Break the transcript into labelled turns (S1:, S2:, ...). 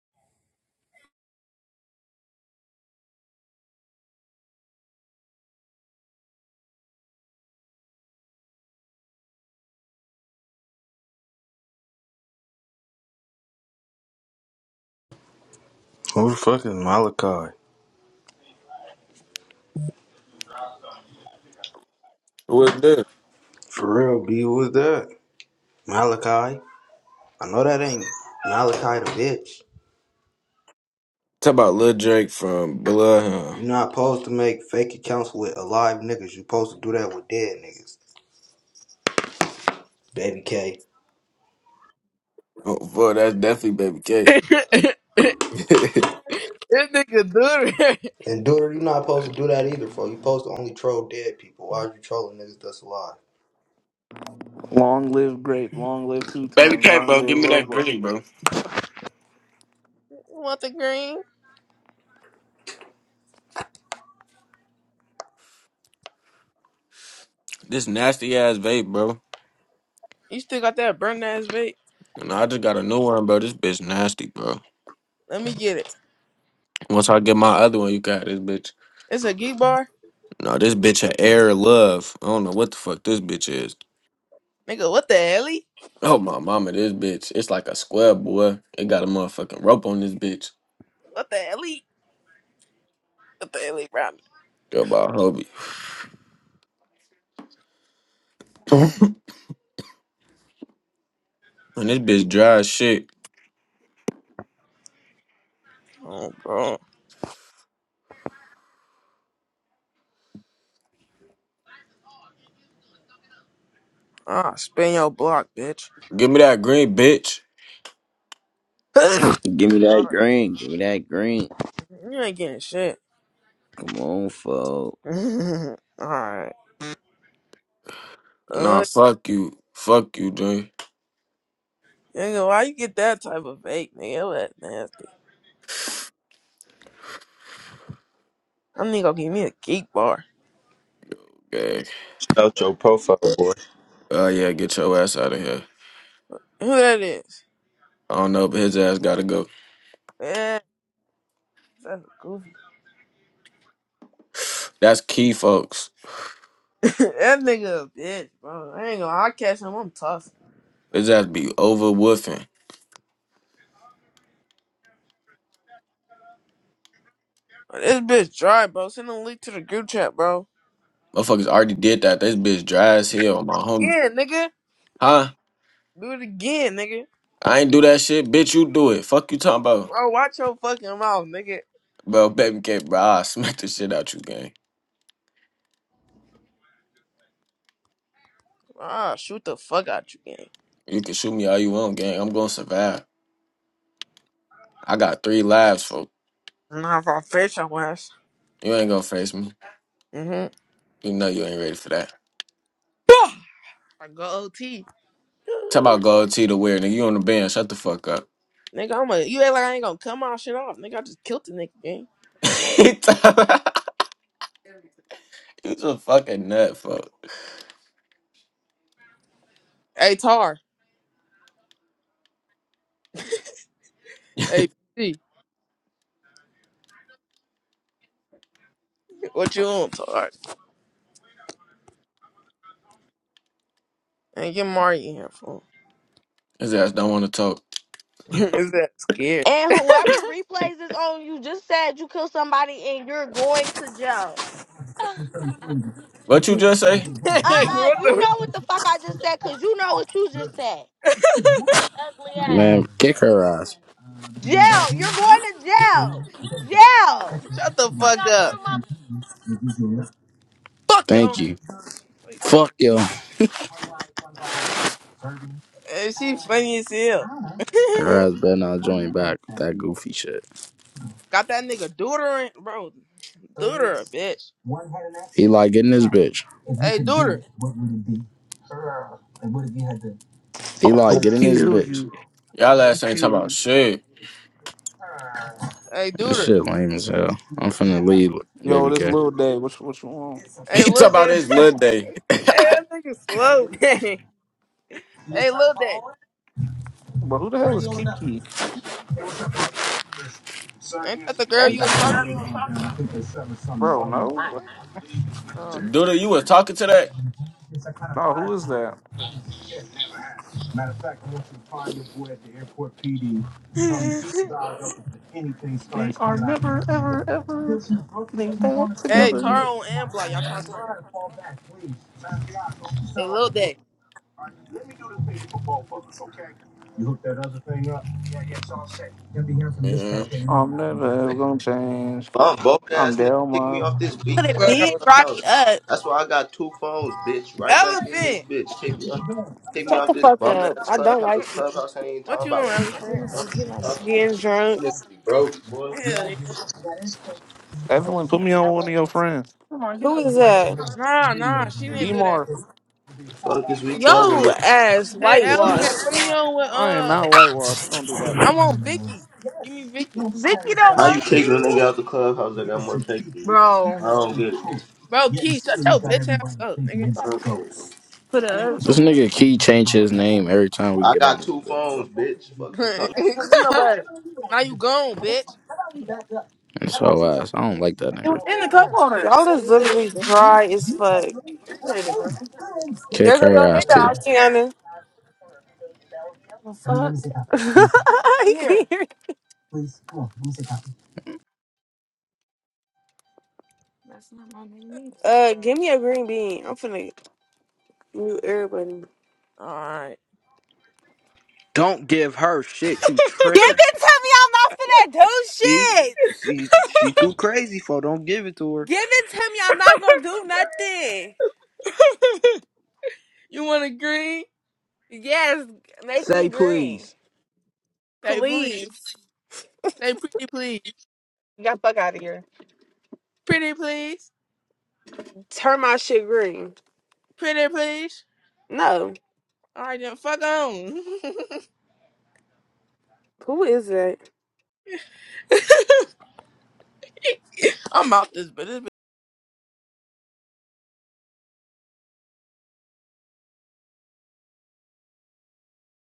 S1: Who Motherfucking Malachi.
S2: What's that?
S1: For real, B, who is that? Malachi. I know that ain't Malachi the bitch.
S2: Talk about Lil Drake from Blood. Huh?
S1: you not supposed to make fake accounts with alive niggas. you supposed to do that with dead niggas. Baby K.
S2: Oh, boy, that's definitely Baby K.
S3: this nigga do it.
S1: And Duder, you not supposed to do that either, bro? you supposed to only troll dead people. Why are you trolling niggas that's alive?
S4: Long live grape. Long live two
S2: Baby
S4: times.
S2: K,
S4: Long
S2: bro,
S4: live
S2: give me that
S4: Robo.
S2: green, bro.
S3: You want the green?
S2: This nasty ass vape, bro.
S3: You still got that burn ass vape?
S2: And I just got a new one, bro. This bitch nasty, bro.
S3: Let me get it.
S2: Once I get my other one, you got this bitch.
S3: It's a geek bar?
S2: No, this bitch an air of love. I don't know what the fuck this bitch is.
S3: Nigga, what the hell?
S2: Oh my mama, this bitch. It's like a square, boy. It got a motherfucking rope on this bitch.
S3: What the hell? What the hell, he
S2: Go by Hobie. And this bitch dry as shit.
S3: Oh, bro. Ah, spin your block, bitch.
S2: Give me that green, bitch.
S3: Alright,
S5: Give me that green. Give me that green.
S3: you ain't getting shit.
S5: Come on, folks.
S3: Alright.
S2: Nah,
S3: Uh,
S2: fuck you. Fuck you, Dre.
S3: nigga, why you get that type of vape, nigga? That nasty. I'm nigga gonna give me a geek bar.
S2: Yeah.
S6: out your profile, boy.
S2: Uh, yeah, get your ass out of here.
S3: Who that is?
S2: I don't know, but his ass gotta go.
S3: Yeah, that's a goofy.
S2: That's key, folks.
S3: that nigga a bitch, bro. I ain't gonna. I catch him. I'm tough.
S2: His ass be over woofing.
S3: This bitch dry, bro. Send a link to the group chat, bro.
S2: Motherfuckers already did that. This bitch dry as hell, my homie.
S3: Yeah, nigga.
S2: Huh?
S3: Do it again, nigga.
S2: I ain't do that shit. Bitch, you do it. Fuck you talking about.
S3: Bro, watch your fucking mouth, nigga.
S2: Bro, baby K, bro, I'll smack the shit out you, gang.
S3: Ah, shoot the fuck out you, gang.
S2: You can shoot me all you want, gang. I'm gonna survive. I got three lives, folks.
S3: Nah, if I fish, I was.
S2: You ain't gonna face me.
S3: Mm-hmm.
S2: You know you ain't ready for that.
S3: I go OT.
S2: Talk about gold tee to wear, nigga. You on the bench. Shut the fuck up.
S3: nigga, I'm a. You act like I ain't gonna cut my shit off, nigga. I just killed the nigga, gang.
S2: He talk- He's a fucking nut, fuck.
S3: Hey, Tar. Hey, B. What you on, Tar? And get Mari in here, fool.
S2: His ass don't want to talk.
S3: Is that scared?
S7: And whoever replays this on, you just said you killed somebody and you're going to jail.
S2: What you just say?
S7: Uh-uh,
S3: what
S7: you
S3: the?
S7: know what the fuck I just said, cause you know what you just said. Ugly ass.
S8: Man, kick her ass.
S7: Jail. You're going to jail. Jail.
S3: Shut the fuck up. Fuck yo.
S8: Thank you.
S3: What you talking? about?
S8: Fuck yo.
S3: And she funny as hell.
S8: Her ass better not join back with that goofy shit.
S3: Got that nigga deutering, bro. Deuter, bitch.
S8: He like getting his bitch.
S3: Hey, deuter.
S8: He
S4: I'm
S8: like
S4: gonna
S8: getting his
S4: kill
S8: bitch.
S4: you. I'm
S2: Y'all
S4: gonna
S2: ass ain't talking
S4: kill
S2: about
S4: you.
S2: shit.
S3: Hey,
S8: This
S3: deuter.
S8: shit lame as hell. I'm finna leave,
S4: Yo,
S8: baby
S4: this
S8: K.
S4: little day. What you- what you want,
S2: He
S3: Hey,
S2: talking
S3: little
S2: about
S3: daddy.
S2: his little day.
S3: hey, that nigga slow. hey, little daddy.
S4: bro? Who the hell is Kiki?
S3: Ain't that the girl you was talking
S4: Bro, no,
S3: to? Um.
S2: Duda, you was talking to
S4: no. Who is that? We are never, ever, ever getting back
S3: hey,
S4: together.
S3: Taro and Block. Y'all trying to slide? Hey, little daddy.
S2: that?
S4: I'm never ever
S9: Nigga,
S4: gonna change.
S9: Bum broke
S4: I'm
S9: ass nigga
S4: down,
S9: kicked me
S4: mom.
S9: off this weak
S10: Put it
S9: ass
S11: Clubhouse
S10: big, drive me
S9: clubhouse.
S10: up.
S9: That's why I got two phones, bitch. Right back in this
S3: Elephant.
S9: bitch. Kick me off, kick me
S10: Shut
S9: off
S10: the
S9: this
S10: fuck
S9: bum
S10: up.
S9: ass
S10: I
S3: What
S10: don't
S3: you?
S9: clubhouse.
S10: like you.
S9: Clubhouse ain't even
S3: What
S9: talking
S3: you want,
S9: about.
S10: Let
S3: elephant?
S10: me see,
S9: What the fuck are
S10: get
S9: you
S10: out of
S9: talking
S10: here.
S9: about?
S10: Getting drunk.
S9: Nigga, be broke, boy.
S3: Hell yeah.
S4: Evelyn, put me on
S10: Come
S4: one of your friends.
S10: on, Who is that?
S3: Nah, nah. She didn't do that.
S4: Demar,
S9: The fuck is we talking
S10: Yo
S9: about?
S10: ass
S3: Hey,
S9: Nigga,
S3: elephant. Put
S10: whitewashed.
S3: me on with
S4: I am
S3: uh.
S4: not whitewashed. Don't do that.
S3: I want Vicky. Give me Vicky.
S10: Vicky don't
S9: how you
S10: want
S9: kicking a nigga
S10: you.
S9: out the clubhouse that got more pay than you? I don't get it.
S3: Bro, Key, shut your bitch ass up, nigga.
S9: I don't get it. Man.
S10: Put up.
S8: This nigga Key change his name every time we
S9: I
S8: get
S9: got
S8: on this
S9: two
S8: bitch,
S9: phones,
S8: bro.
S9: bitch. Fuck you talking.
S10: Don't be no butter.
S3: now you gone, bitch.
S8: And so ass. I don't like that nigga.
S10: Hold Y'all is literally dry as fuck.
S8: Kick
S10: There go
S8: her
S10: your
S8: ass too.
S10: nigga, Oceana. I Here. can't hear you. Uh, give me a green bean. I'm finna mute everybody.
S3: Alright.
S1: Don't give her shit, you
S10: Give
S1: tripping.
S10: it to me. I'm not finna do
S1: See?
S10: shit.
S1: She, she too crazy, for it. don't give it to her.
S10: Give it to me. I'm not gonna do nothing.
S3: You want a green?
S10: Yes, make me
S1: Say please.
S10: green.
S3: Say please.
S10: Please.
S3: Say pretty please.
S10: Get the fuck out of here.
S3: Pretty please.
S10: Turn my shit green.
S3: Pretty please.
S10: No.
S3: Alright then, fuck on.
S10: Who is it?
S3: I'm out this bitch. This bitch